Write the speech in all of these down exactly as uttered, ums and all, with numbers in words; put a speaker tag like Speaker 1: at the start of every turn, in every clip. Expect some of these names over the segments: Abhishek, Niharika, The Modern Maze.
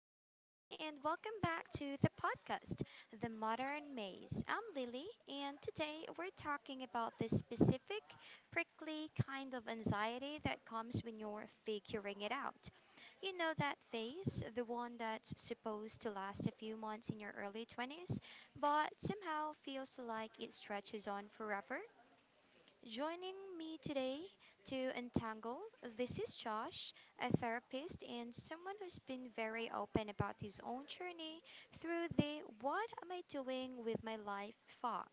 Speaker 1: everyone, and welcome back to the podcast, The Modern Maze. I'm Lily, and today we're talking about this specific, prickly kind of anxiety that comes when you're figuring it out. You know that phase, the one that's supposed to last a few months in your early twenties, but somehow feels like it stretches on forever? Joining me today to untangle, this is Josh, a therapist and someone who's been very open about his own journey through the what am I doing with my life fog.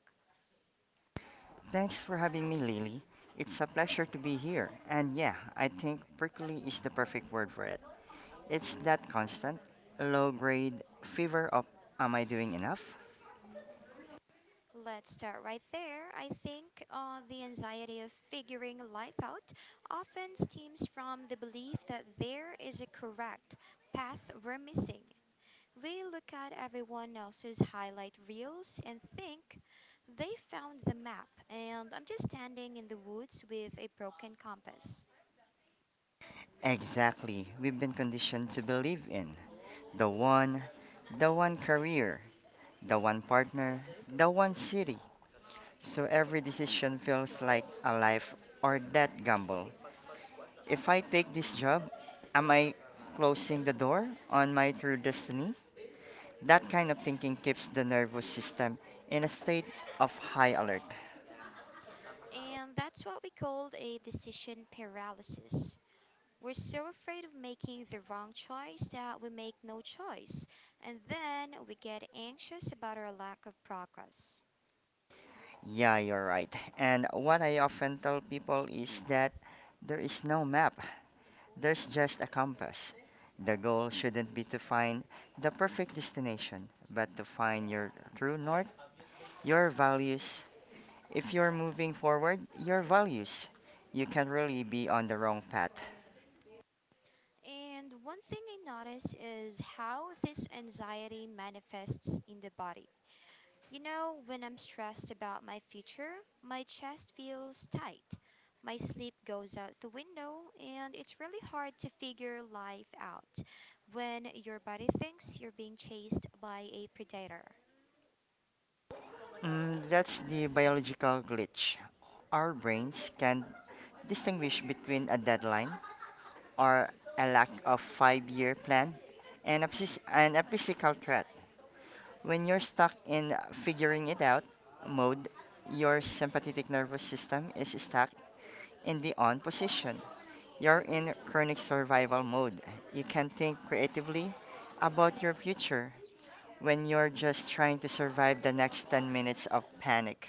Speaker 2: Thanks for having me, Lily. It's a pleasure to be here. And yeah, I think prickly is the perfect word for it. It's that constant, low grade fever of am I doing enough?
Speaker 1: Let's start right there. I think uh, the anxiety of figuring life out often stems from the belief that there is a correct path we're missing. We look at everyone else's highlight reels and think they found the map, and I'm just standing in the woods with a broken compass.
Speaker 2: Exactly. We've been conditioned to believe in the one, the one career, the one partner, the one city. So every decision feels like a life or death gamble. If I take this job, am I closing the door on my true destiny? That kind of thinking keeps the nervous system in a state of high alert.
Speaker 1: And that's what we call a decision paralysis. We're so afraid of making the wrong choice that we make no choice, and then we get anxious about our lack of progress.
Speaker 2: Yeah, you're right. And what I often tell people is that there is no map, there's just a compass. The goal shouldn't be to find the perfect destination, but to find your true north, your values. If you're moving forward, your values, you can really be on the wrong path.
Speaker 1: And one thing I notice is how this anxiety manifests in the body. You know, when I'm stressed about my future, my chest feels tight, my sleep goes out the window, and it's really hard to figure life out when your body thinks you're being chased by a predator.
Speaker 2: Mm, that's the biological glitch. Our brains can distinguish between a deadline or a lack of five-year plan, and a, phys- and a physical threat. When you're stuck in figuring it out mode, your sympathetic nervous system is stuck in the on position. You're in chronic survival mode. You can not think creatively about your future when you're just trying to survive the next ten minutes of panic.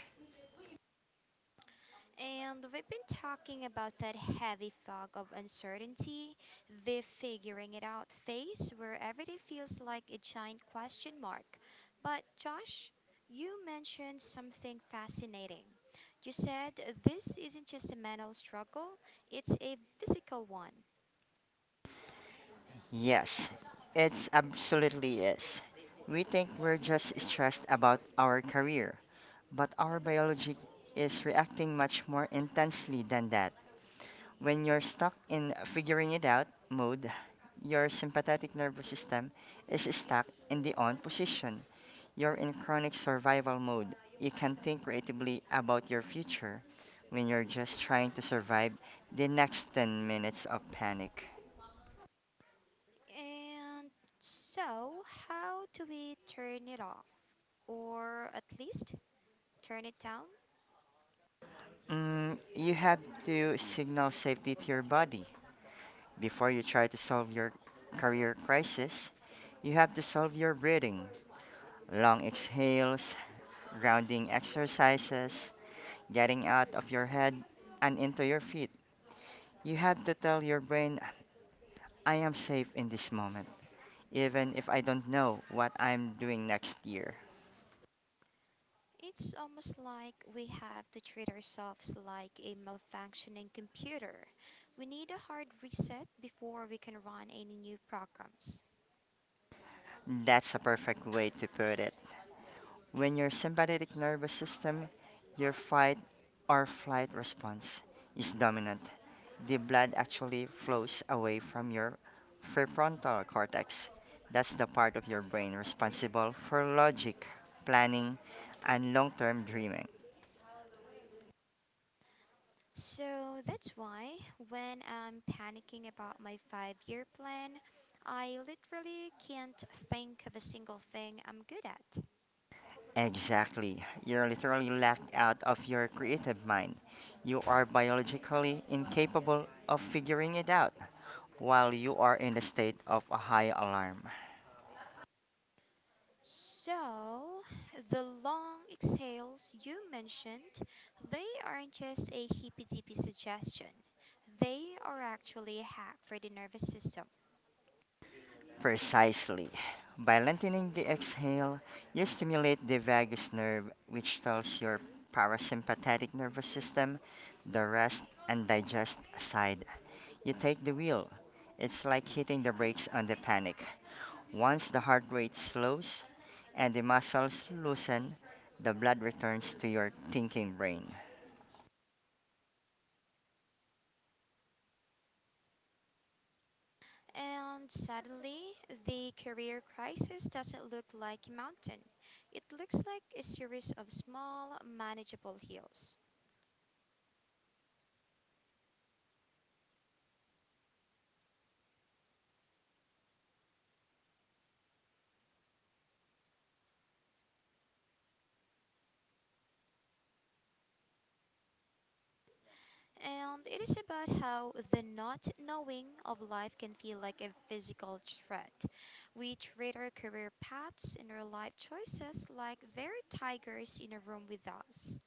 Speaker 1: And we've been talking about that heavy fog of uncertainty, the figuring it out phase where everyday feels like a giant question mark. But, Josh, you mentioned something fascinating. You said this isn't just a mental struggle, it's a physical one.
Speaker 2: Yes, it's absolutely is. We think we're just stressed about our career, but our biology is reacting much more intensely than that. When you're stuck in figuring it out mode, your sympathetic nervous system is stuck in the on position. You're in chronic survival mode. You can't think creatively about your future when you're just trying to survive the next ten minutes of panic.
Speaker 1: And so, how do we turn it off? Or at least turn it down?
Speaker 2: Mm, you have to signal safety to your body before you try to solve your career crisis. You have to solve your breathing. Long exhales, grounding exercises, getting out of your head and into your feet. You have to tell your brain, I am safe in this moment, even if I don't know what I'm doing next year.
Speaker 1: It's almost like we have to treat ourselves like a malfunctioning computer. We need a hard reset before we can run any new programs.
Speaker 2: That's a perfect way to put it. When your sympathetic nervous system, your fight or flight response, is dominant, the blood actually flows away from your prefrontal cortex. That's the part of your brain responsible for logic, planning, and long term dreaming.
Speaker 1: So that's why when I'm panicking about my five year plan, I literally can't think of a single thing I'm good at.
Speaker 2: Exactly. You're literally locked out of your creative mind. You are biologically incapable of figuring it out while you are in a state of a high alarm.
Speaker 1: So, the long exhales you mentioned, they aren't just a hippy dippy suggestion. They are actually a hack for the nervous system.
Speaker 2: Precisely. By lengthening the exhale, you stimulate the vagus nerve, which tells your parasympathetic nervous system, the rest and digest side, you take the wheel. It's like hitting the brakes on the panic. Once the heart rate slows and the muscles loosen, the blood returns to your thinking brain.
Speaker 1: And suddenly, the career crisis doesn't look like a mountain. It looks like a series of small, manageable hills. And it is about how the not knowing of life can feel like a physical threat. We treat our career paths and our life choices like they're tigers in a room with us.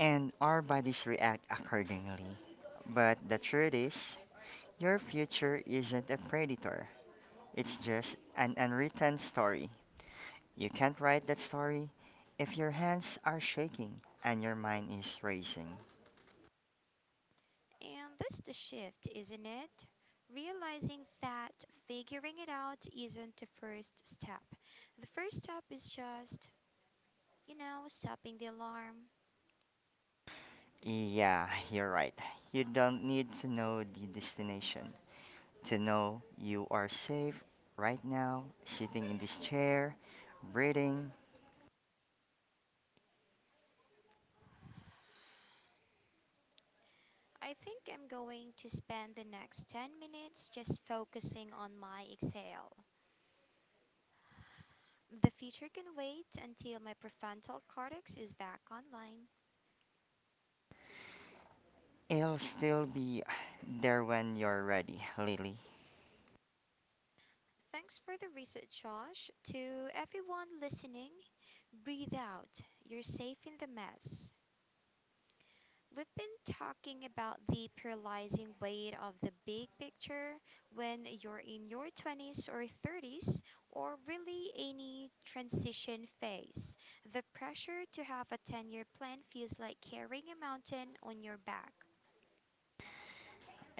Speaker 2: And our bodies react accordingly. But the truth is, your future isn't a predator. It's just an unwritten story. You can't write that story if your hands are shaking and your mind is racing.
Speaker 1: And that's the shift, isn't it? Realizing that figuring it out isn't the first step. The first step is just, you know, stopping the alarm.
Speaker 2: Yeah, you're right. You don't need to know the destination to know you are safe right now, sitting in this chair, breathing.
Speaker 1: I think I'm going to spend the next ten minutes just focusing on my exhale. The feature can wait until my prefrontal cortex is back online.
Speaker 2: It'll still be there when you're ready, Lily.
Speaker 1: Thanks for the research, Josh. To everyone listening, breathe out. You're safe in the mess. We've been talking about the paralyzing weight of the big picture when you're in your twenties or thirties, or really any transition phase. The pressure to have a ten year plan feels like carrying a mountain on your back.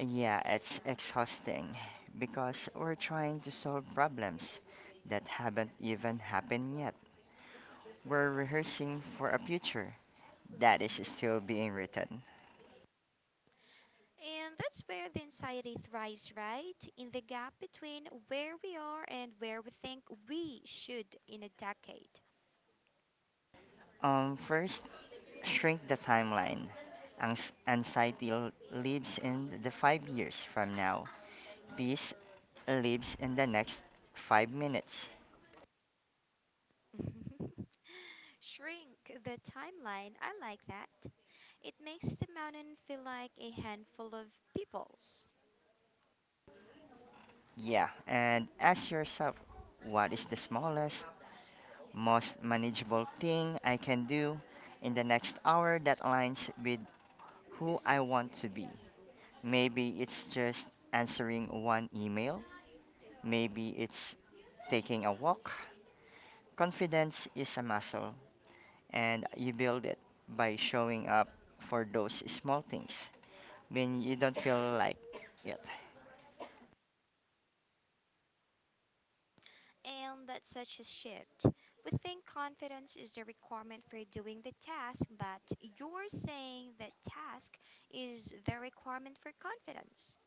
Speaker 2: Yeah, it's exhausting because we're trying to solve problems that haven't even happened yet. We're rehearsing for a future that is still being written.
Speaker 1: And that's where the anxiety thrives, right? In the gap between where we are and where we think we should in a decade.
Speaker 2: Um, first, shrink the timeline. Anx- anxiety l- lives in the five years from now. Peace lives in the next five minutes.
Speaker 1: Shrink the timeline, I like that. It makes the mountain feel like a handful of peoples.
Speaker 2: Yeah, and ask yourself what is the smallest, most manageable thing I can do in the next hour that aligns with who I want to be? Maybe it's just answering one email, maybe it's taking a walk. Confidence is a muscle, and you build it by showing up for those small things when you don't feel like it.
Speaker 1: And that's such a shift. We think confidence is the requirement for doing the task, but you're saying that task is the requirement for confidence.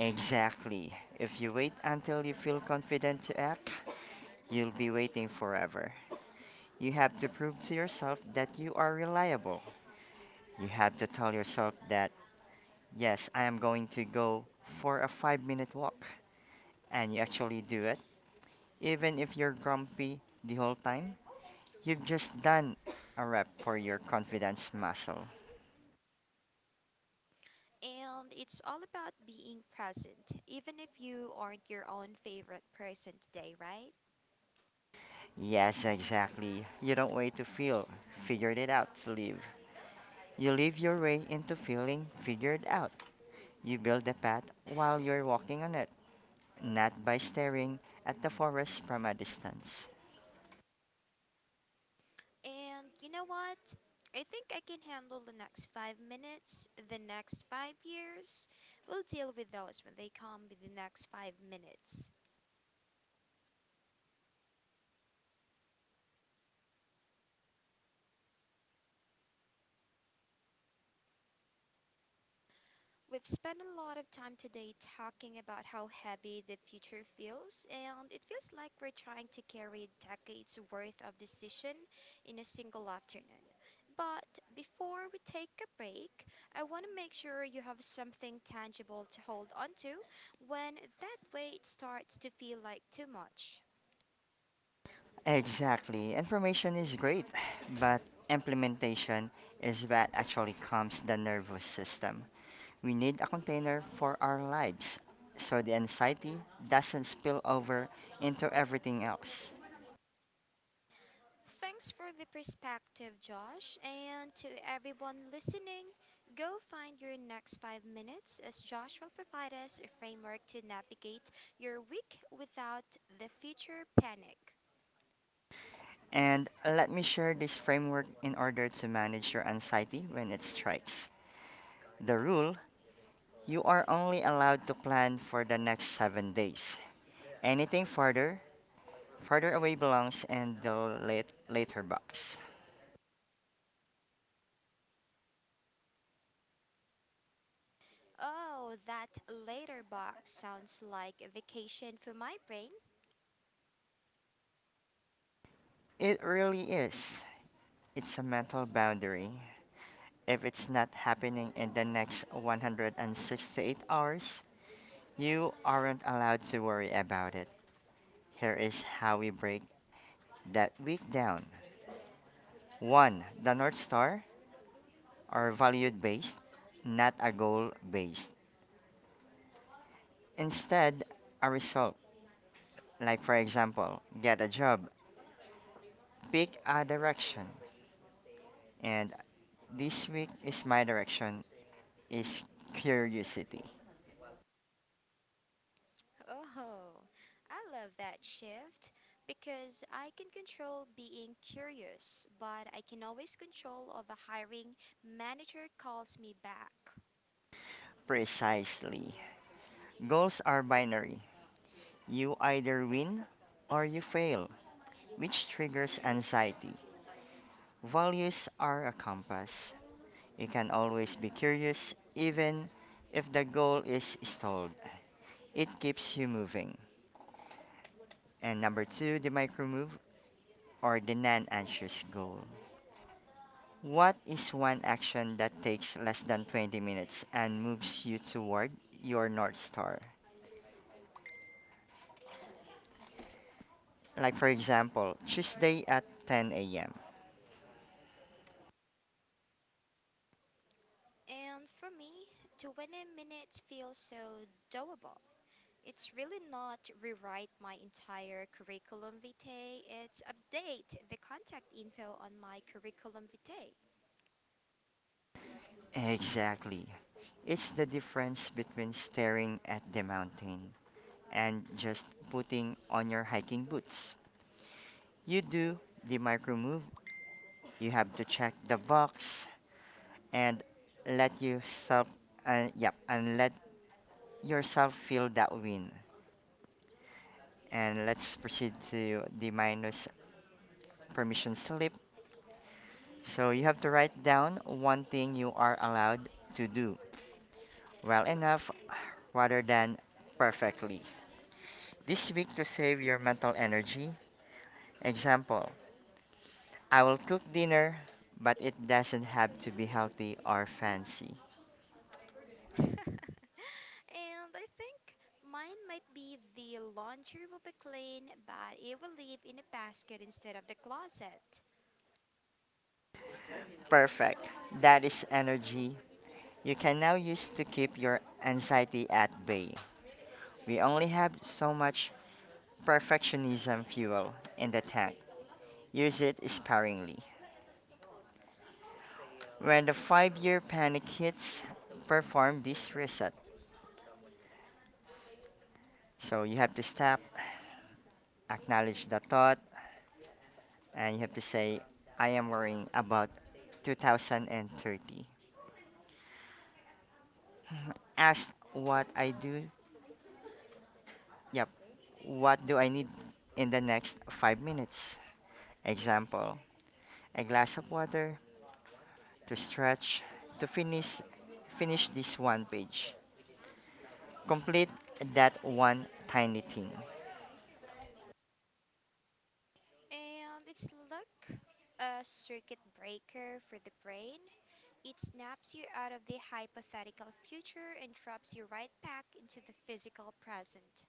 Speaker 2: Exactly. If you wait until you feel confident to act, you'll be waiting forever. You have to prove to yourself that you are reliable. You have to tell yourself that, yes, I am going to go for a five minute walk. And you actually do it, even if you're grumpy the whole time. You've just done a rep for your confidence muscle.
Speaker 1: And it's all about being present, even if you aren't your own favorite person today, right?
Speaker 2: Yes, exactly. You don't wait to feel figured it out to live. You live your way into feeling figured out. You build a path while you're walking on it, not by staring at the forest from a distance.
Speaker 1: And you know what? I think I can handle the next five minutes, the next five years. We'll deal with those when they come with the next five minutes. We've spent a lot of time today talking about how heavy the future feels, and it feels like we're trying to carry decades worth of decision in a single afternoon. But before we take a break, I want to make sure you have something tangible to hold onto when that weight starts to feel like too much.
Speaker 2: Exactly. Information is great, but implementation is what actually calms the nervous system. We need a container for our lives so the anxiety doesn't spill over into everything else.
Speaker 1: Thanks for the perspective, Josh. And to everyone listening, go find your next five minutes as Josh will provide us a framework to navigate your week without the future panic.
Speaker 2: And let me share this framework in order to manage your anxiety when it strikes. The rule, you are only allowed to plan for the next seven days. Anything further, further away belongs in the late, later box.
Speaker 1: Oh, that later box sounds like a vacation for my brain.
Speaker 2: It really is. It's a mental boundary. If it's not happening in the next one hundred sixty-eight hours, you aren't allowed to worry about it. Here is how we break that week down. one. The North Star are valued based, not a goal based. Instead, a result. Like, for example, get a job, pick a direction. And this week is my direction is curiosity.
Speaker 1: Oh, I love that shift because I can control being curious, but I can always control of a hiring manager calls me back.
Speaker 2: Precisely. Goals are binary. You either win or you fail, which triggers anxiety. Values are a compass. You can always be curious, even if the goal is stalled. It keeps you moving. And number two, the micro move or the non anxious goal. What is one action that takes less than twenty minutes and moves you toward your North Star? Like, for example, Tuesday at ten a m.
Speaker 1: And for me, twenty minutes feels so doable. It's really not rewrite my entire curriculum vitae, it's update the contact info on my curriculum vitae.
Speaker 2: Exactly. It's the difference between staring at the mountain and just putting on your hiking boots. You do the micro move. You have to check the box and let yourself, and yep, and let yourself feel that win. And let's proceed to the minus permission slip. So you have to write down one thing you are allowed to do well enough rather than perfectly this week to save your mental energy. Example, I will cook dinner, but it doesn't have to be healthy or fancy.
Speaker 1: And I think mine might be the laundry will be clean, but it will live in a basket instead of the closet.
Speaker 2: Perfect. That is energy you can now use to keep your anxiety at bay. We only have so much perfectionism fuel in the tank. Use it sparingly. When the five year panic hits, perform this reset. So you have to stop, acknowledge the thought, and you have to say, I am worrying about two thousand thirty. Ask what I do. Yep, what do I need in the next five minutes? Example, a glass of water, to stretch, to finish finish this one page, complete that one tiny thing.
Speaker 1: And it's like a circuit breaker for the brain. It snaps you out of the hypothetical future and drops you right back into the physical present.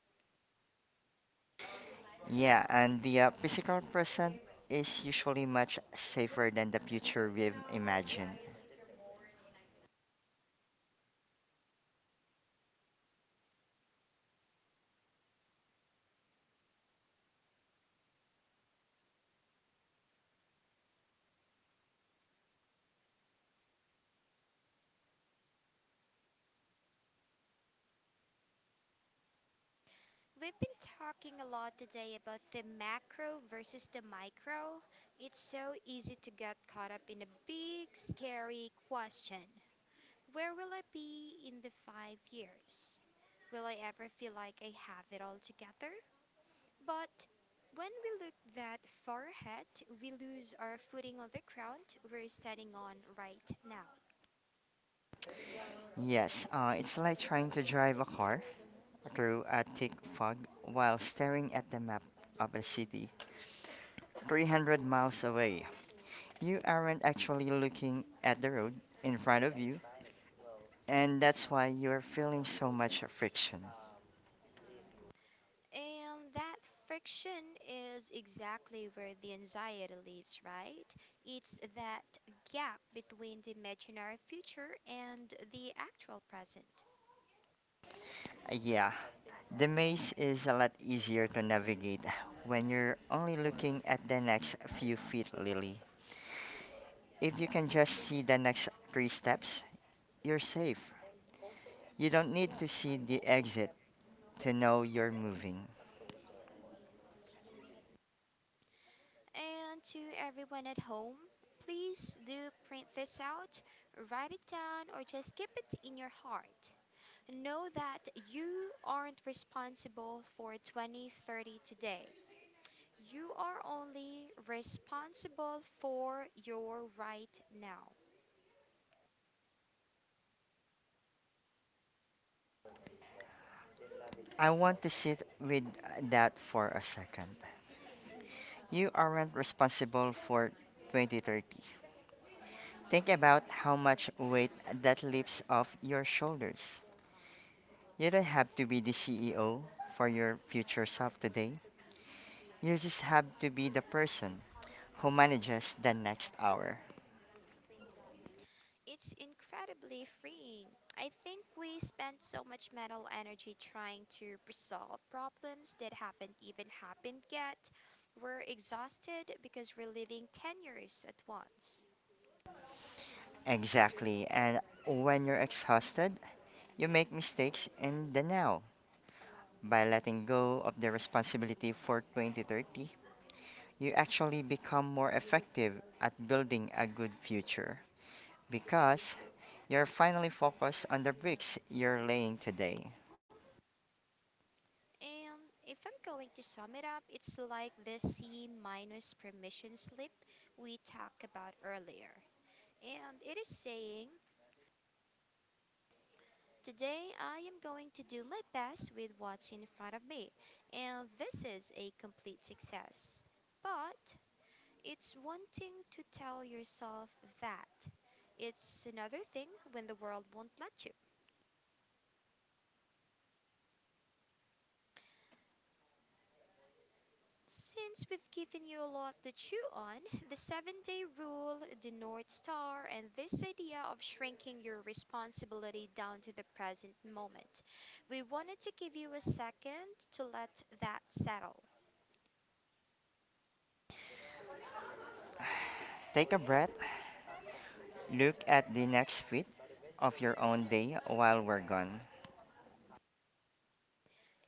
Speaker 2: Yeah. And the uh, physical present is usually much safer than the future we've imagined.
Speaker 1: We've been talking a lot today about the macro versus the micro. It's so easy to get caught up in a big, scary question. Where will I be in the five years? Will I ever feel like I have it all together? But when we look that far ahead, we lose our footing on the ground we're standing on right now.
Speaker 2: Yes. Uh, it's like trying to drive a car through a thick fog while staring at the map of a city three hundred miles away. You aren't actually looking at the road in front of you, and that's why you're feeling so much friction.
Speaker 1: And that friction is exactly where the anxiety lives, right? It's that gap between the imaginary future and the actual present.
Speaker 2: Uh, yeah. The maze is a lot easier to navigate when you're only looking at the next few feet, Lily. If you can just see the next three steps, you're safe. You don't need to see the exit to know you're moving.
Speaker 1: And to everyone at home, please do print this out, write it down, or just keep it in your heart. Know that you aren't responsible for twenty thirty today. You are only responsible for your right now.
Speaker 2: I want to sit with that for a second. You aren't responsible for twenty thirty. Think about how much weight that lifts off your shoulders. You don't have to be the C E O for your future self today. You just have to be the person who manages the next hour.
Speaker 1: It's incredibly freeing. I think we spend so much mental energy trying to resolve problems that haven't even happened yet. We're exhausted because we're living ten years at once.
Speaker 2: Exactly. And when you're exhausted, you make mistakes in the now. By letting go of the responsibility for twenty thirty, you actually become more effective at building a good future because you're finally focused on the bricks you're laying today.
Speaker 1: And if I'm going to sum it up, it's like the C minus permission slip we talked about earlier. And it is saying today I am going to do my best with what's in front of me, and this is a complete success. But it's one thing to tell yourself that, it's another thing when the world won't let you. Since we've given you a lot to chew on, the seven day rule, the North Star, and this idea of shrinking your responsibility down to the present moment, we wanted to give you a second to let that settle.
Speaker 2: Take a breath, look at the next feet of your own day while we're gone.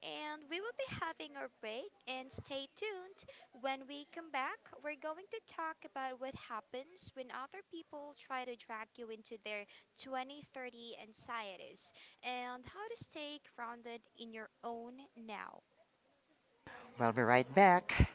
Speaker 1: And we will be having our break. And stay tuned. When we come back, we're going to talk about what happens when other people try to drag you into their twenty thirty anxieties and how to stay grounded in your own now.
Speaker 2: We'll be right back.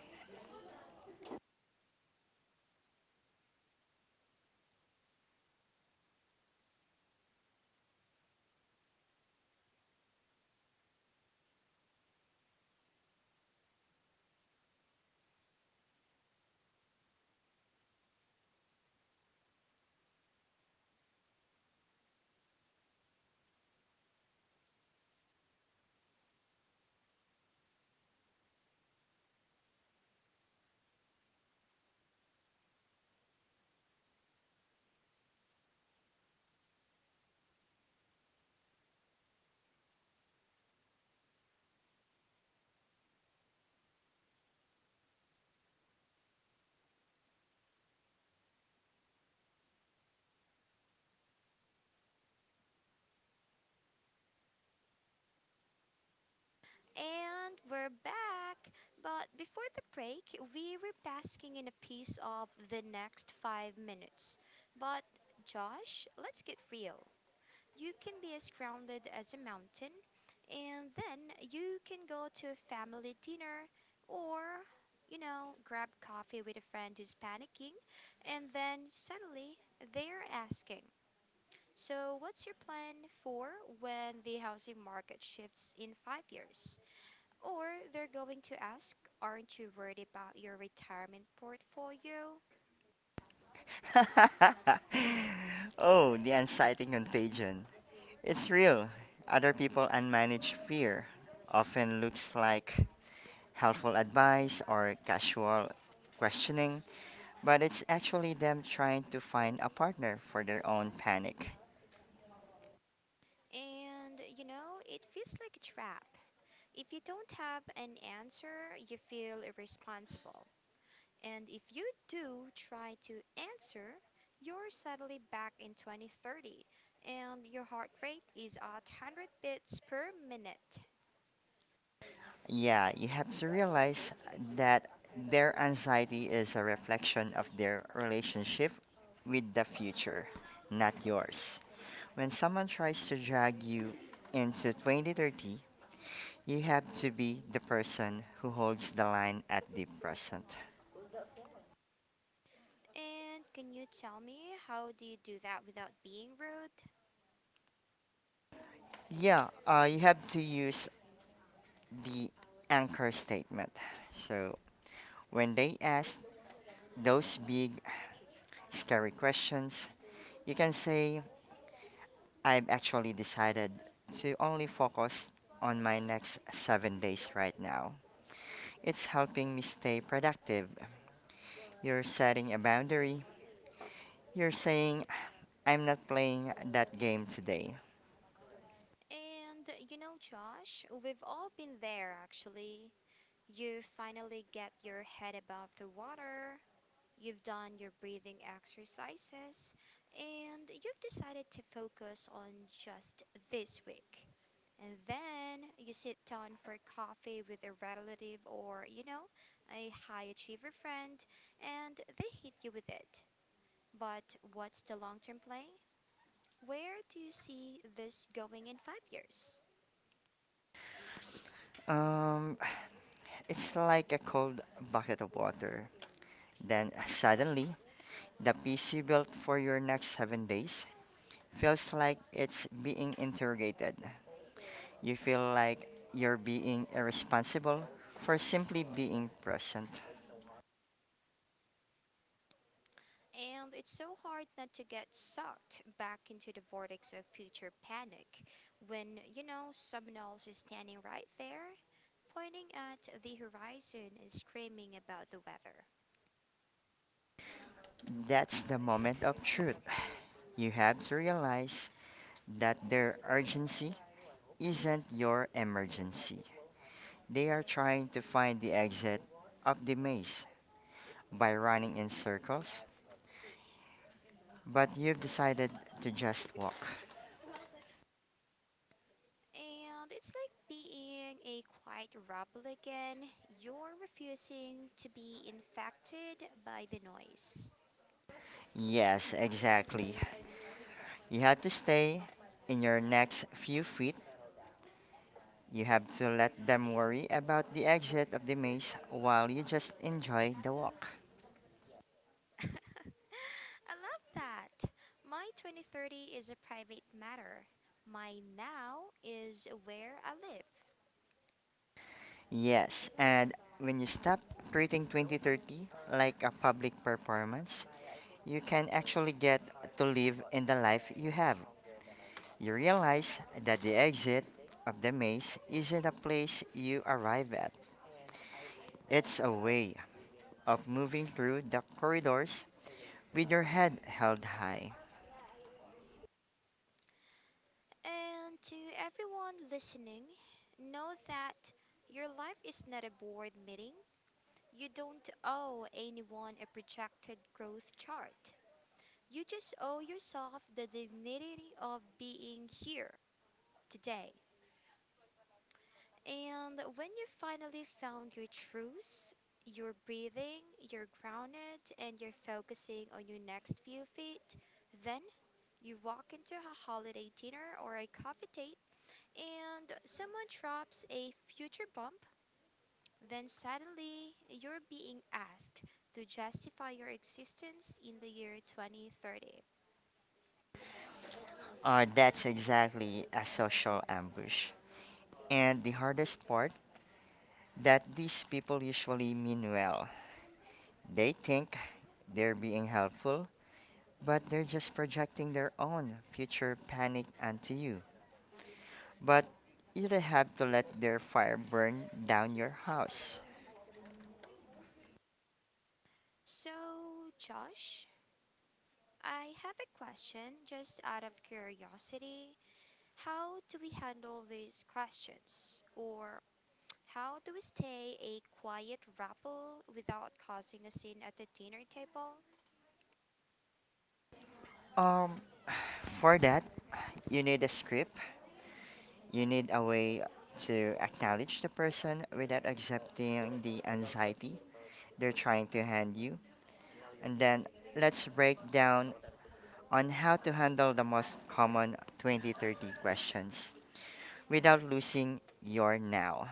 Speaker 1: And we're back. But before the break, we were basking in a piece of the next five minutes. But Josh, let's get real. You can be as grounded as a mountain, and then you can go to a family dinner or, you know, grab coffee with a friend who's panicking, and then suddenly they're asking, so what's your plan for when the housing market shifts in five years? Or they're going to ask, aren't you worried about your retirement portfolio?
Speaker 2: Oh, the anxiety contagion. It's real. Other people unmanaged fear often looks like helpful advice or casual questioning, but it's actually them trying to find a partner for their own panic.
Speaker 1: And, you know, it feels like a trap. If you don't have an answer, you feel irresponsible. And if you do try to answer, you're suddenly back in twenty thirty and your heart rate is at one hundred beats per minute.
Speaker 2: Yeah, you have to realize that their anxiety is a reflection of their relationship with the future, not yours. When someone tries to drag you into twenty thirty, you have to be the person who holds the line at the present.
Speaker 1: And can you tell me how do you do that without being rude?
Speaker 2: Yeah, uh, you have to use the anchor statement. So when they ask those big, scary questions, you can say, I've actually decided to only focus on my next seven days right now. It's helping me stay productive. You're setting a boundary. You're saying, I'm not playing that game today.
Speaker 1: And you know, Josh, we've all been there actually. You finally get your head above the water, you've done your breathing exercises and you've decided to focus on just this week. And then you sit down for coffee with a relative or, you know, a high achiever friend and they hit you with it. But what's the long term play? Where do you see this going in five years?
Speaker 2: Um, It's like a cold bucket of water. Then suddenly, the peace you built for your next seven days feels like it's being interrogated. You feel like you're being irresponsible for simply being present.
Speaker 1: And it's so hard not to get sucked back into the vortex of future panic when, you know, someone else is standing right there, pointing at the horizon and screaming about the weather.
Speaker 2: That's the moment of truth. You have to realize that their urgency isn't your emergency. They are trying to find the exit of the maze by running in circles, but you've decided to just walk.
Speaker 1: And it's like being a quiet rebel again. You're refusing to be infected by the noise.
Speaker 2: Yes, exactly. You have to stay in your next few feet. You have to let them worry about the exit of the maze while you just enjoy the walk.
Speaker 1: I love that. My twenty thirty is a private matter. My now is where I live.
Speaker 2: Yes, and when you stop treating twenty thirty like a public performance, you can actually get to live in the life you have. You realize that the exit of the maze isn't a place you arrive at. It's a way of moving through the corridors with your head held high.
Speaker 1: And to everyone listening, know that your life is not a board meeting. You don't owe anyone a projected growth chart. You just owe yourself the dignity of being here today. And when you finally found your truths, you're breathing, you're grounded, and you're focusing on your next few feet, then you walk into a holiday dinner or a coffee date and someone drops a future bump, then suddenly you're being asked to justify your existence in the year twenty thirty.
Speaker 2: Uh, that's exactly a social ambush. And the hardest part that these people usually mean well. They think they're being helpful, but they're just projecting their own future panic onto you. But you don't have to let their fire burn down your house.
Speaker 1: So, Josh, I have a question just out of curiosity. How do we handle these questions? Or how do we stay a quiet rabble without causing a scene at the dinner table?
Speaker 2: Um, for that, you need a script. You need a way to acknowledge the person without accepting the anxiety they're trying to hand you. And then let's break down on how to handle the most common twenty thirty questions without losing your now.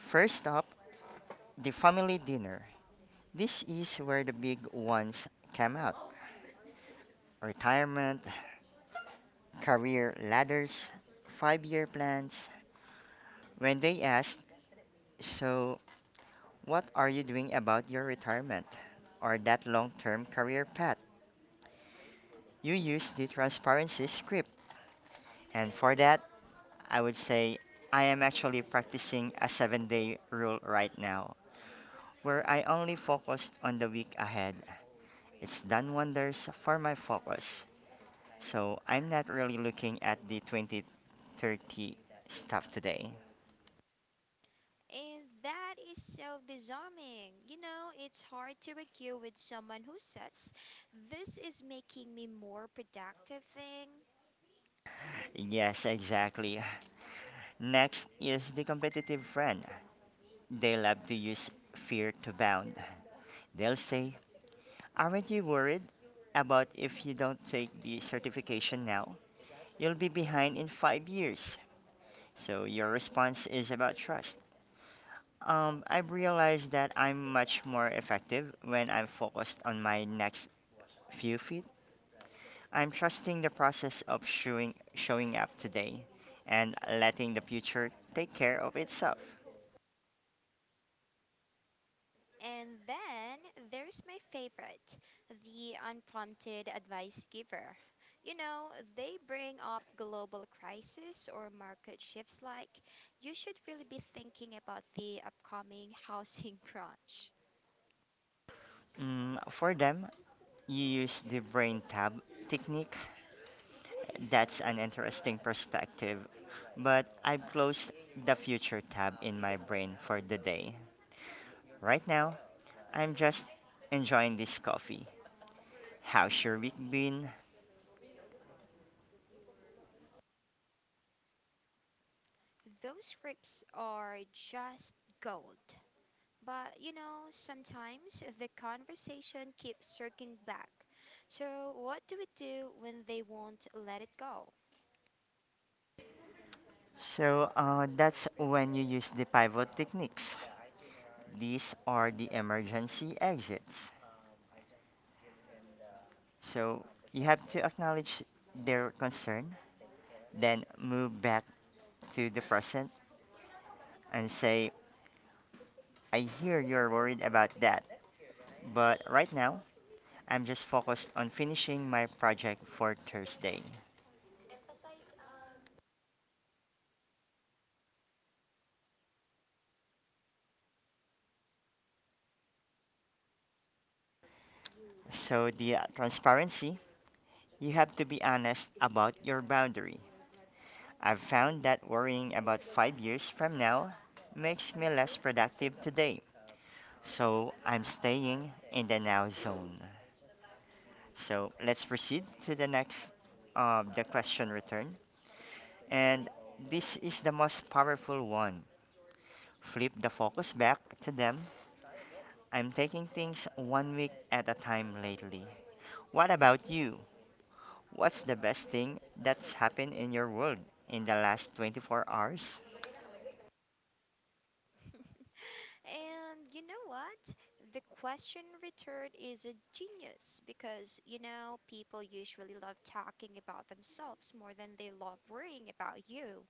Speaker 2: First up, the family dinner. This is where the big ones come out: retirement, career ladders, five year plans. When they ask, "So, what are you doing about your retirement or that long term career path?" you use the transparency script. And for that, I would say, "I am actually practicing a seven day rule right now, where I only focused on the week ahead. It's done wonders for my focus. So I'm not really looking at the twenty thirty stuff today."
Speaker 1: And that is so disarming. You know, it's hard to argue with someone who says, this is making me more productive thing.
Speaker 2: Yes, exactly. Next is the competitive friend. They love to use fear to bound. They'll say, "Aren't you worried about if you don't take the certification now? You'll be behind in five years." So your response is about trust. Um, I've realized that I'm much more effective when I'm focused on my next few feet. I'm trusting the process of showing, showing up today and letting the future take care of itself.
Speaker 1: And then there's my favorite, the unprompted advice giver. You know, they bring up global crisis or market shifts like, you should really be thinking about the upcoming housing crunch.
Speaker 2: Mm, for them, you use the brain tab technique. "That's an interesting perspective, but I've closed the future tab in my brain for the day. Right now, I'm just enjoying this coffee. How's your week been?"
Speaker 1: Those rips are just gold. But you know, sometimes the conversation keeps circling back. So, what do we do when they won't let it go?
Speaker 2: So uh, that's when you use the pivot techniques. These are the emergency exits. So you have to acknowledge their concern, then move back to the present and say, "I hear you're worried about that, but right now I'm just focused on finishing my project for Thursday." So the uh, transparency, you have to be honest about your boundary. "I've found that worrying about five years from now makes me less productive today. So I'm staying in the now zone." So let's proceed to the next, uh, the question return. And this is the most powerful one. Flip the focus back to them. "I'm taking things one week at a time lately. What about you? What's the best thing that's happened in your world in the last twenty-four hours?"
Speaker 1: And you know what? The question returned is a genius because you know, people usually love talking about themselves more than they love worrying about you.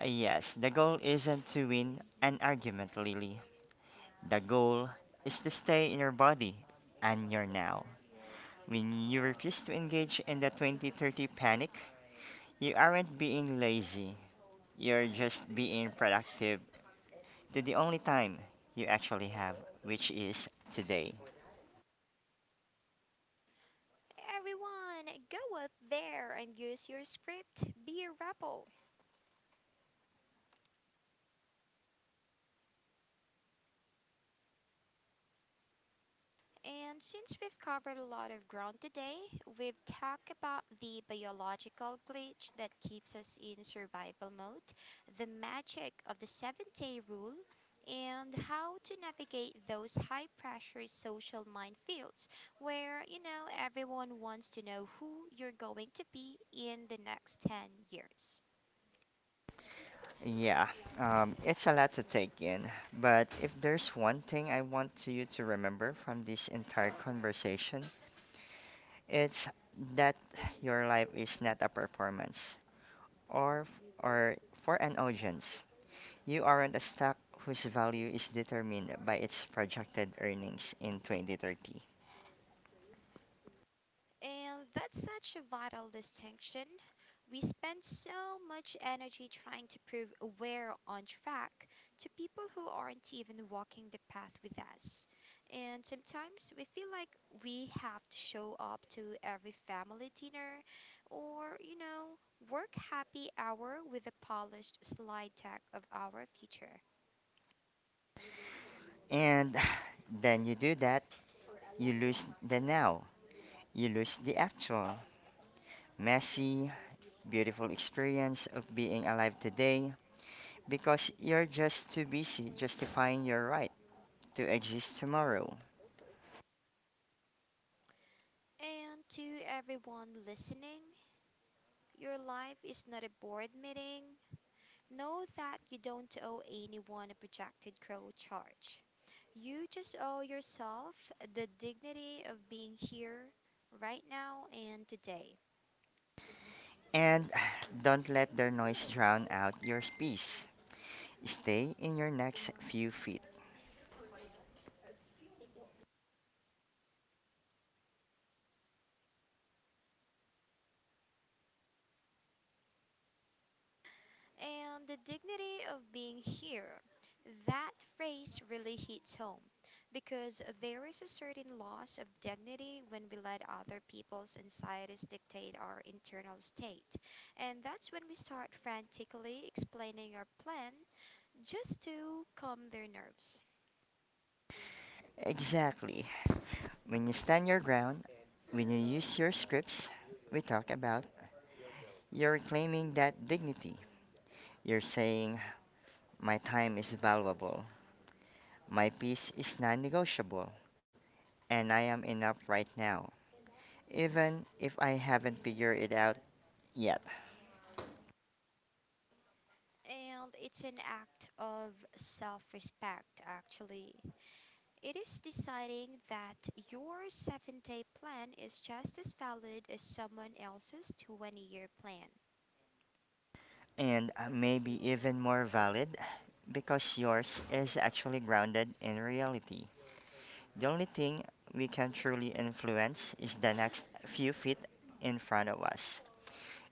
Speaker 2: Uh, Yes, the goal isn't to win an argument, Lily. The goal is to stay in your body and your now. When you refuse to engage in the twenty thirty panic, you aren't being lazy. You're just being productive to the only time you actually have, which is today.
Speaker 1: Everyone, go out there and use your script. Be a rebel. And since we've covered a lot of ground today, we've talked about the biological glitch that keeps us in survival mode, the magic of the seven day rule, and how to navigate those high pressure social minefields where, you know, everyone wants to know who you're going to be in the next ten years.
Speaker 2: Yeah, um, it's a lot to take in, but if there's one thing I want you to remember from this entire conversation, it's that your life is not a performance or or for an audience. You own a stock whose value is determined by its projected earnings in twenty thirty.
Speaker 1: And that's such a vital distinction. We spend so much energy trying to prove we're on track to people who aren't even walking the path with us. And sometimes we feel like we have to show up to every family dinner or, you know, work happy hour with a polished slide deck of our future.
Speaker 2: And then you do that, you lose the now, you lose the actual, messy, beautiful experience of being alive today because you're just too busy justifying your right to exist tomorrow.
Speaker 1: And to everyone listening, your life is not a board meeting, Know that you don't owe anyone a projected growth charge. You just owe yourself the dignity of being here, right now, and today.
Speaker 2: And don't let their noise drown out your peace. Stay in your next few feet.
Speaker 1: And the dignity of being here. That phrase really hits home because there is a certain loss of dignity when we let other people's anxieties dictate our internal state. And that's when we start frantically explaining our plan just to calm their nerves.
Speaker 2: Exactly. When you stand your ground, when you use your scripts we talk about, you're claiming that dignity. You're saying, "My time is valuable, my peace is non negotiable, and I am enough right now, even if I haven't figured it out yet."
Speaker 1: And it's an act of self respect, actually. It is deciding that your seven day plan is just as valid as someone else's twenty year plan.
Speaker 2: And uh, maybe even more valid because yours is actually grounded in reality. The only thing we can truly influence is the next few feet in front of us.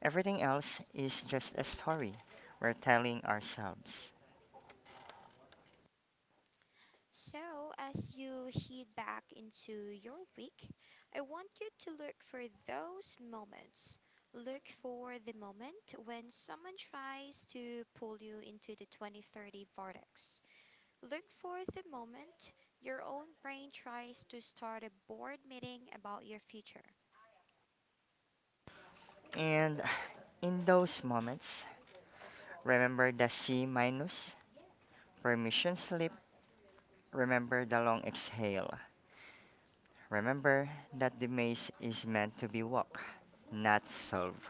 Speaker 2: Everything else is just a story we're telling ourselves.
Speaker 1: So, as you head back into your week, I want you to look for those moments. Look for the moment when someone tries to pull you into the twenty thirty vortex. Look for the moment your own brain tries to start a board meeting about your future.
Speaker 2: And in those moments, remember the C minus, permission slip, remember the long exhale. Remember that the maze is meant to be walked, not solved.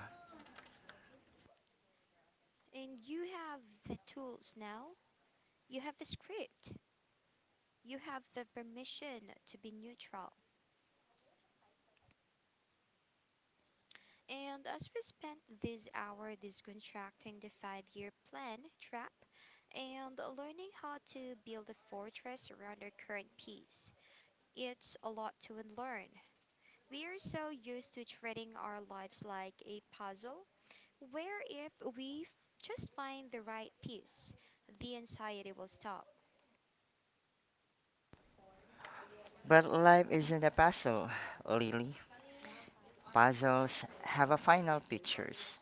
Speaker 1: And you have the tools now. You have the script. You have the permission to be neutral. And as we spent this hour disconstructing the five year plan trap and learning how to build a fortress around our current peace, it's a lot to unlearn. We are so used to treating our lives like a puzzle where if we f- just find the right piece, the anxiety will stop.
Speaker 2: But life isn't a puzzle, Lily. Puzzles have a final pictures.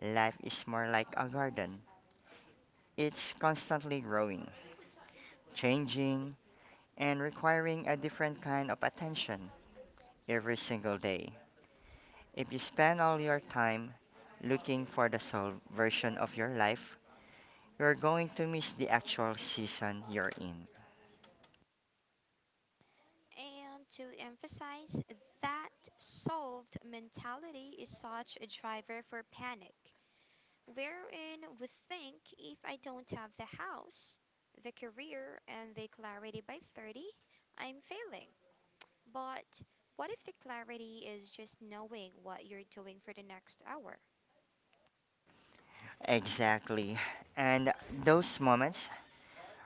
Speaker 2: Life is more like a garden. It's constantly growing, changing, and requiring a different kind of attention every single day. If you spend all your time looking for the soul version of your life, you're going to miss the actual season you're in.
Speaker 1: And to emphasize that solved mentality is such a driver for panic, wherein we think if I don't have the house, the career, and the clarity by thirty, I'm failing. But what if the clarity is just knowing what you're doing for the next hour?
Speaker 2: Exactly. And those moments,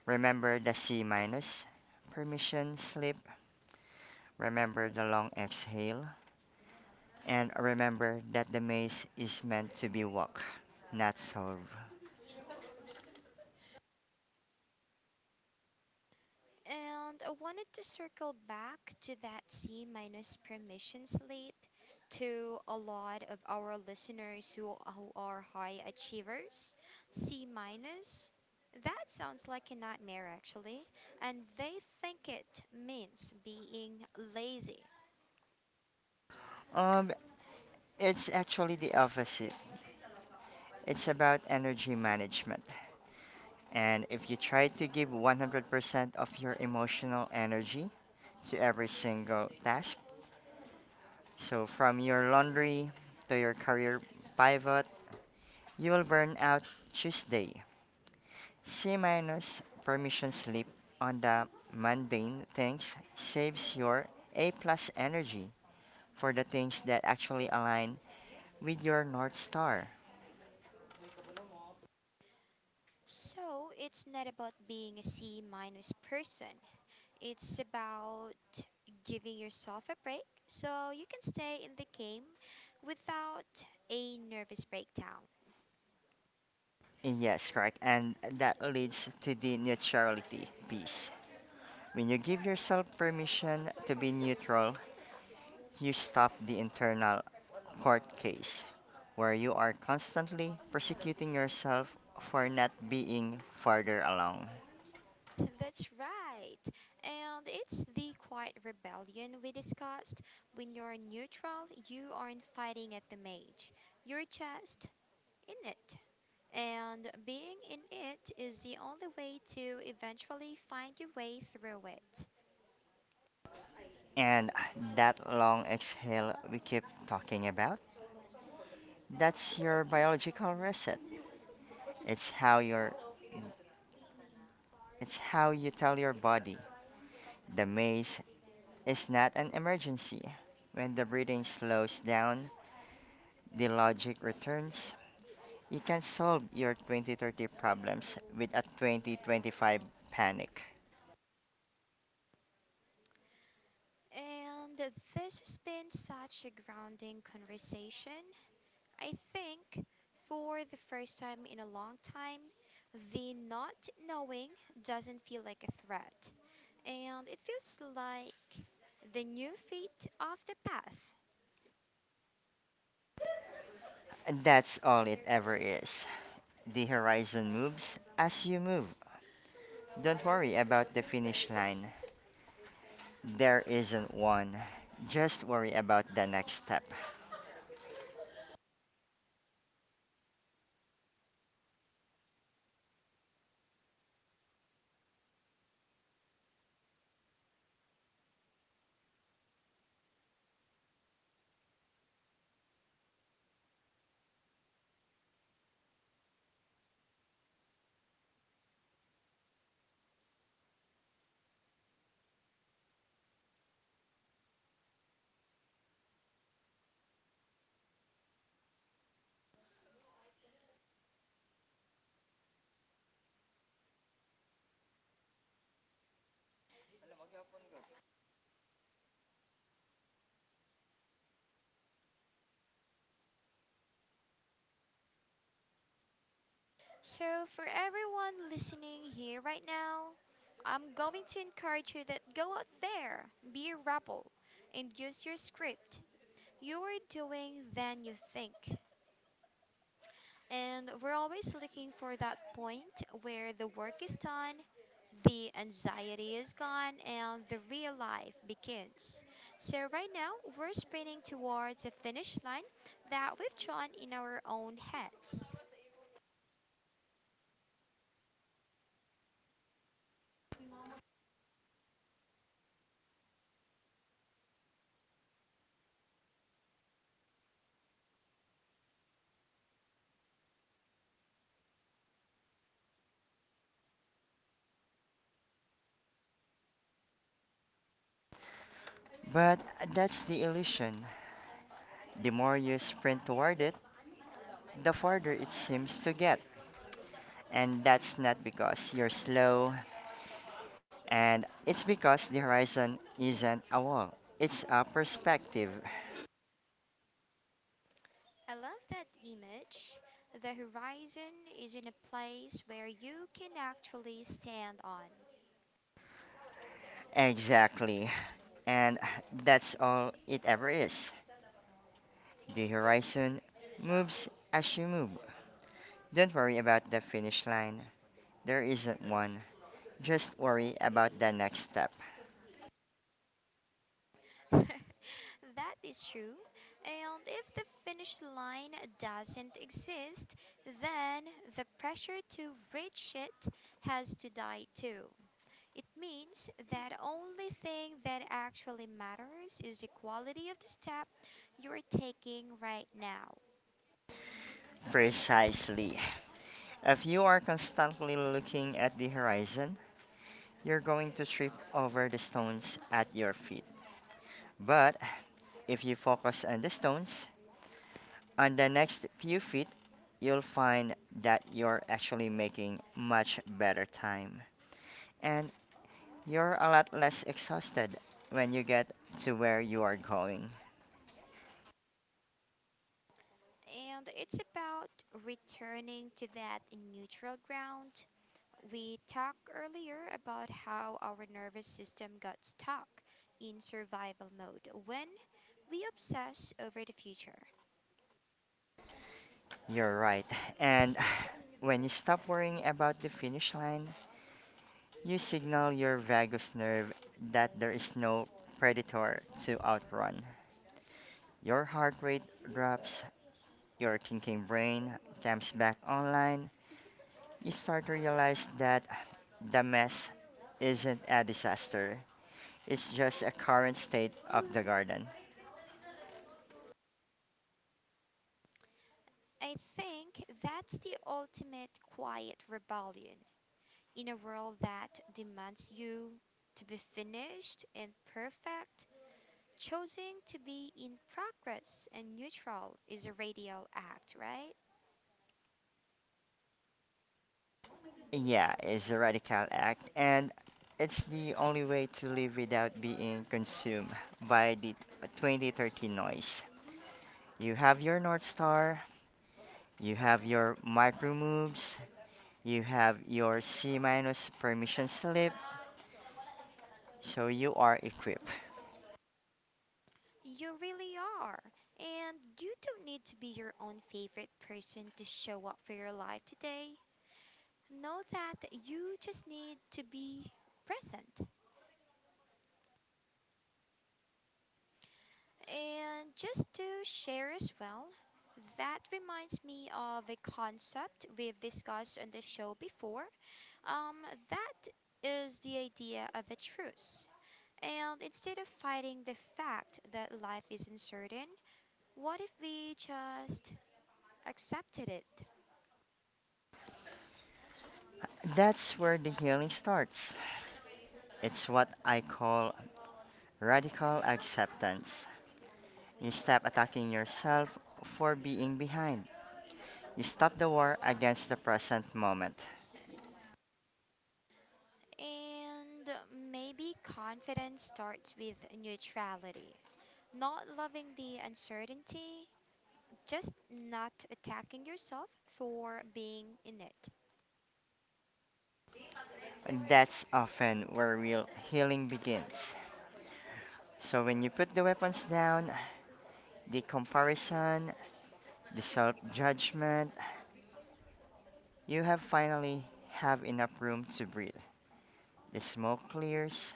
Speaker 2: remember the C minus, permission slip, remember the long exhale, and remember that the maze is meant to be walked, not solved.
Speaker 1: And I wanted to circle back to that C minus permission slip to a lot of our listeners who, who are high achievers. C minus, that sounds like a nightmare actually, and they think it means being lazy.
Speaker 2: Um, it's actually the opposite. It's about energy management. And if you try to give one hundred percent of your emotional energy to every single task, so from your laundry to your career pivot, you will burn out Tuesday. C minus permission slip on the mundane things saves your A plus energy for the things that actually align with your North Star.
Speaker 1: So it's not about being a C minus person. It's about giving yourself a break so you can stay in the game without a nervous breakdown.
Speaker 2: Yes, correct. And that leads to the neutrality piece. When you give yourself permission to be neutral, you stop the internal court case where you are constantly persecuting yourself for not being farther along.
Speaker 1: That's right. And it's the quiet rebellion we discussed. When you're neutral, you aren't fighting at the mage, you're just in it. And being in it is the only way to eventually find your way through it.
Speaker 2: And that long exhale we keep talking about, that's your biological reset. It's how your it's how you tell your body the maze is not an emergency. When the breathing slows down, the logic returns. You can solve your twenty thirty problems with a twenty twenty-five panic.
Speaker 1: And this has been such a grounding conversation. I think for the first time in a long time, the not knowing doesn't feel like a threat, and it feels like the new fate of the path.
Speaker 2: And that's all it ever is. The horizon moves as you move. Don't worry about the finish line. There isn't one. Just worry about the next step.
Speaker 1: So, for everyone listening here right now, I'm going to encourage you that go out there, be a rebel, and use your script. You are doing than you think. And we're always looking for that point where the work is done, the anxiety is gone, and the real life begins. So, right now, we're spinning towards a finish line that we've drawn in our own heads.
Speaker 2: But that's the illusion. The more you sprint toward it, the farther it seems to get. And that's not because you're slow, and it's because the horizon isn't a wall, it's a perspective.
Speaker 1: I love that image. The horizon is in a place where you can actually stand on.
Speaker 2: Exactly. And that's all it ever is. The horizon moves as you move. Don't worry about the finish line. There isn't one. Just worry about the next step.
Speaker 1: That is true. And if the finish line doesn't exist, then the pressure to reach it has to die too. It means that only thing that actually matters is the quality of the step you're taking right now.
Speaker 2: Precisely. If you are constantly looking at the horizon, you're going to trip over the stones at your feet. But if you focus on the stones, on the next few feet, you'll find that you're actually making much better time. And you're a lot less exhausted when you get to where you are going.
Speaker 1: And it's about returning to that neutral ground We talked earlier about how our nervous system got stuck in survival mode when we obsess over the future.
Speaker 2: You're right. And when you stop worrying about the finish line, you signal your vagus nerve that there is no predator to outrun. Your heart rate drops, your thinking brain comes back online. You start to realize that the mess isn't a disaster, it's just a current state of the garden.
Speaker 1: I think that's the ultimate quiet rebellion in a world that demands you to be finished and perfect. Choosing to be in progress and neutral is a radical act, right?
Speaker 2: Yeah, it's a radical act, and it's the only way to live without being consumed by the twenty thirty noise. You have your North Star, you have your micro moves, you have your C minus permission slip, so you are equipped.
Speaker 1: You really are. And you don't need to be your own favorite person to show up for your life today. Know that you just need to be present. And just to share as well, that reminds me of a concept we've discussed on the show before. Um, that is the idea of a truce. And instead of fighting the fact that life isn't certain, what if we just accepted it?
Speaker 2: That's where the healing starts. It's what I call radical acceptance. You stop attacking yourself for being behind. You stop the war against the present moment.
Speaker 1: And maybe confidence starts with neutrality. Not loving the uncertainty, just not attacking yourself for being in it.
Speaker 2: That's often where real healing begins. So when you put the weapons down, the comparison, the self-judgment, you have finally have enough room to breathe. The smoke clears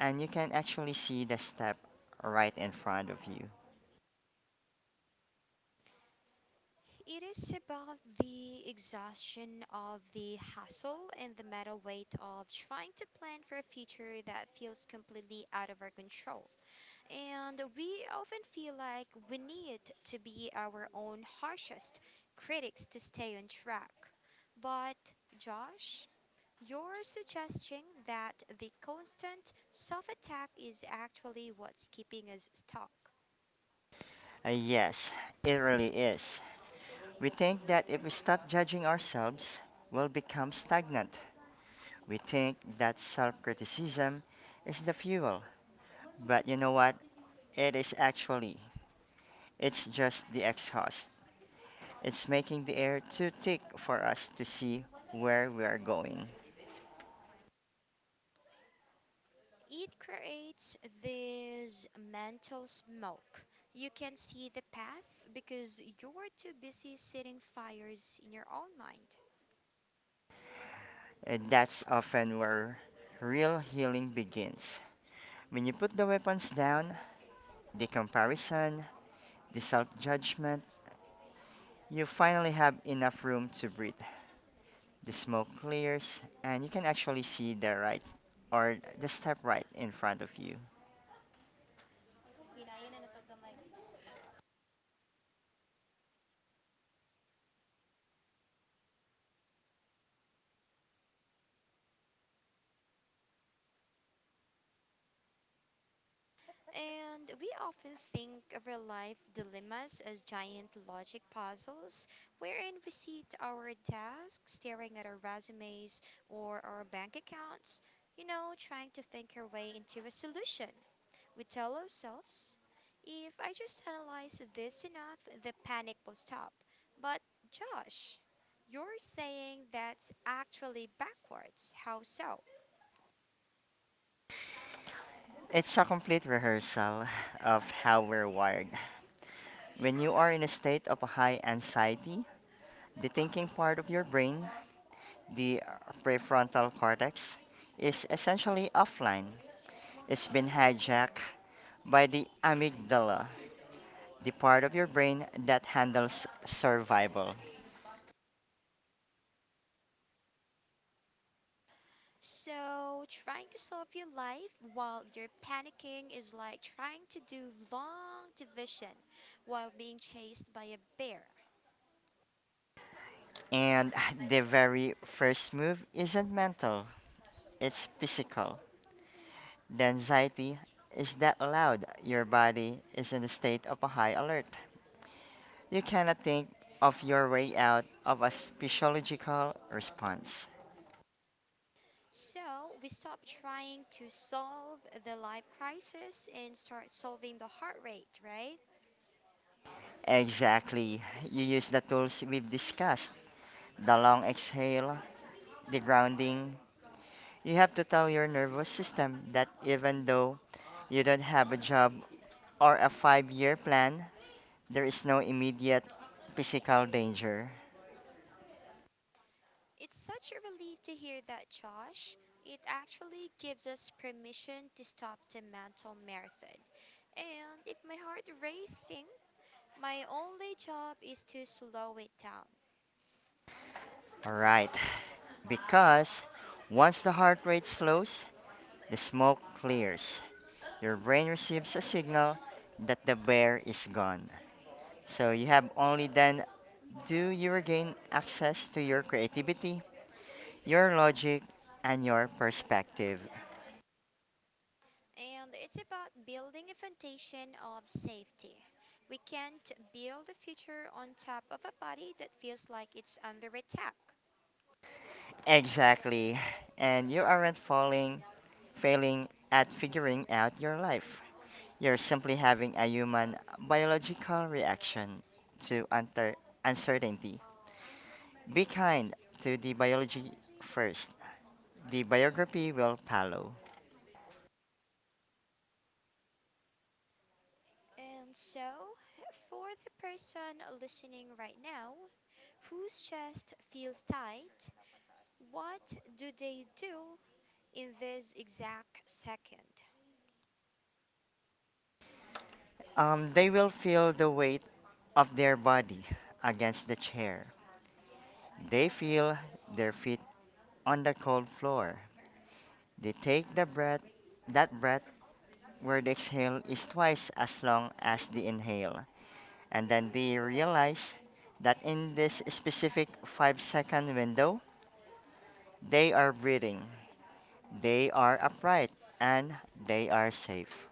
Speaker 2: and you can actually see the step right in front of you.
Speaker 1: It is about the exhaustion of the hustle and the mental weight of trying to plan for a future that feels completely out of our control. And we often feel like we need to be our own harshest critics to stay on track. But, Josh, you're suggesting that the constant self attack is actually what's keeping us stuck.
Speaker 2: Uh, yes, it really is. We think that if we stop judging ourselves, we'll become stagnant. We think that self-criticism is the fuel, but you know what? It is actually It's just the exhaust. It's making the air too thick for us to see where we are going.
Speaker 1: It creates this mental smoke. You can see the path because you're too busy setting fires in your own mind.
Speaker 2: And that's often where real healing begins. When you put the weapons down, the comparison, the self judgment, you finally have enough room to breathe. The smoke clears, and you can actually see the right or the step right in front of you.
Speaker 1: And we often think of our life dilemmas as giant logic puzzles, wherein we sit our desk staring at our resumes or our bank accounts, you know, trying to think our way into a solution. We tell ourselves, if I just analyze this enough, the panic will stop. But, Josh, you're saying that's actually backwards. How so?
Speaker 2: It's a complete rehearsal of how we're wired. When you are in a state of high anxiety, the thinking part of your brain, the prefrontal cortex, is essentially offline. It's been hijacked by the amygdala, the part of your brain that handles survival.
Speaker 1: So, trying to solve your life while you're panicking is like trying to do long division while being chased by a bear.
Speaker 2: And the very first move isn't mental, it's physical. The anxiety is that loud, your body is in a state of a high alert. You cannot think of your way out of a physiological response.
Speaker 1: So, we stop trying to solve the life crisis and start solving the heart rate, right?
Speaker 2: Exactly. You use the tools we've discussed: the long exhale, the grounding. You have to tell your nervous system that even though you don't have a job or a five year plan, there is no immediate physical danger.
Speaker 1: It's such a relief to hear that, Josh. It actually gives us permission to stop the mental marathon. And if my heart racing, my only job is to slow it down.
Speaker 2: Right. Because once the heart rate slows, the smoke clears. Your brain receives a signal that the bear is gone. So you have only then do you regain access to your creativity, your logic and your perspective.
Speaker 1: And it's about building a foundation of safety. We can't build a future on top of a body that feels like it's under attack.
Speaker 2: Exactly. And you aren't falling, failing at figuring out your life. You're simply having a human biological reaction to unter- uncertainty. Be kind to the biology first. The biography will follow.
Speaker 1: And so, for the person listening right now whose chest feels tight, what do they do in this exact second?
Speaker 2: Um, they will feel the weight of their body against the chair. They feel their feet on the cold floor. They take the breath, that breath where the exhale is twice as long as the inhale. And then they realize that in this specific five second window, they are breathing, they are upright, and they are safe.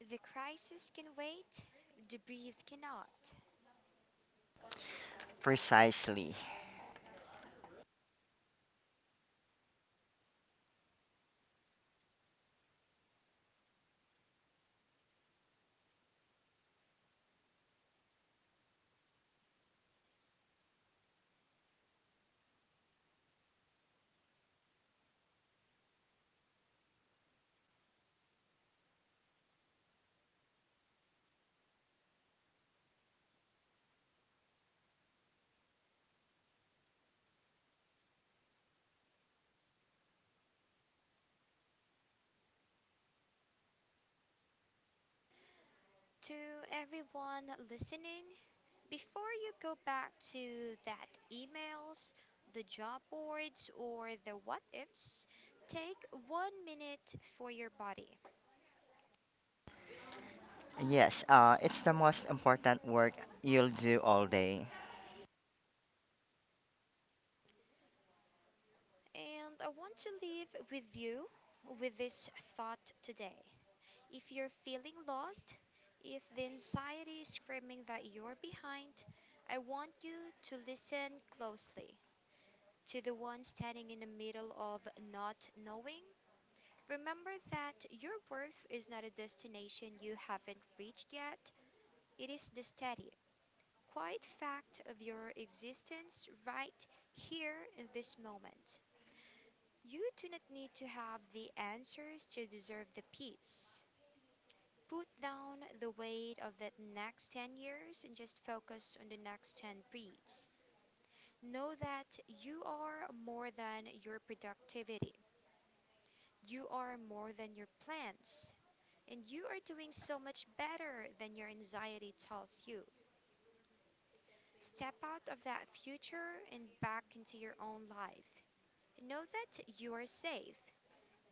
Speaker 1: The crisis can wait, the breathe cannot.
Speaker 2: Precisely.
Speaker 1: To everyone listening, before you go back to that emails, the job boards, or the what ifs, take one minute for your body.
Speaker 2: Yes, uh, it's the most important work you'll do all day.
Speaker 1: And I want to leave with you with this thought today. If you're feeling lost, if the anxiety is screaming that you're behind, I want you to listen closely to the one standing in the middle of not knowing Remember that your worth is not a destination you haven't reached yet, it is the steady, quiet fact of your existence right here in this moment. You do not need to have the answers to deserve the peace. Put down the weight of that next ten years and just focus on the next ten breeds. Know that you are more than your productivity. You are more than your plans. And you are doing so much better than your anxiety tells you. Step out of that future and back into your own life. Know that you are safe.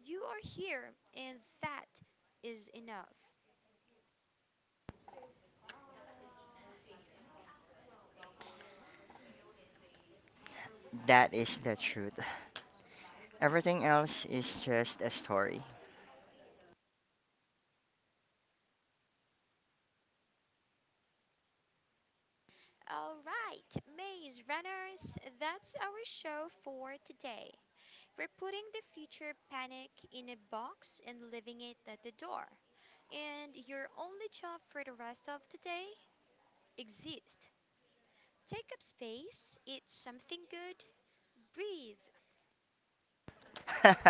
Speaker 1: You are here, and that is enough.
Speaker 2: That is the truth. Everything else is just a story.
Speaker 1: All right, Maze Runners, that's our show for today. We're putting the future panic in a box and leaving it at the door. And your only job for the rest of today exists Take up space, eat something good, breathe,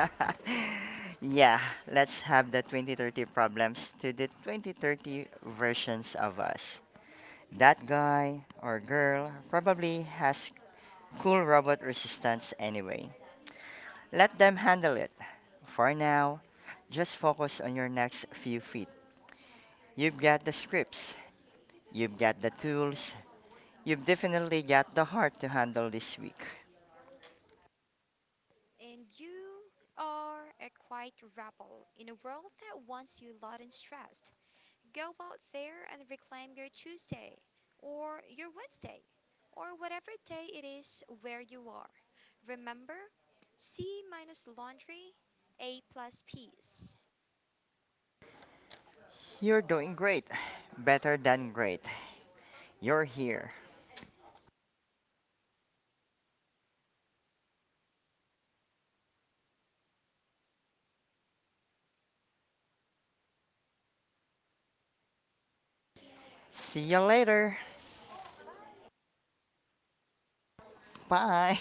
Speaker 2: Yeah, let's have the twenty thirty problems to the twenty thirty versions of us. That guy or girl probably has cool robot resistance anyway. Let them handle it. For now, just focus on your next few feet. You've got the scripts, you've got the tools, you've definitely got the heart to handle this week.
Speaker 1: and you are a quiet rebel in a world that wants you loud and stressed. Go out there and reclaim your Tuesday, or your Wednesday, or whatever day it is where you are. Remember, C minus laundry, A plus peace.
Speaker 2: You're doing great. Better than great. You're here.
Speaker 1: We'll be right back next week to help you navigate the next turn in the maze. Until then, keep your feet on the ground and your head out of the fog.
Speaker 2: See you later.
Speaker 1: Bye, everyone.
Speaker 2: Bye.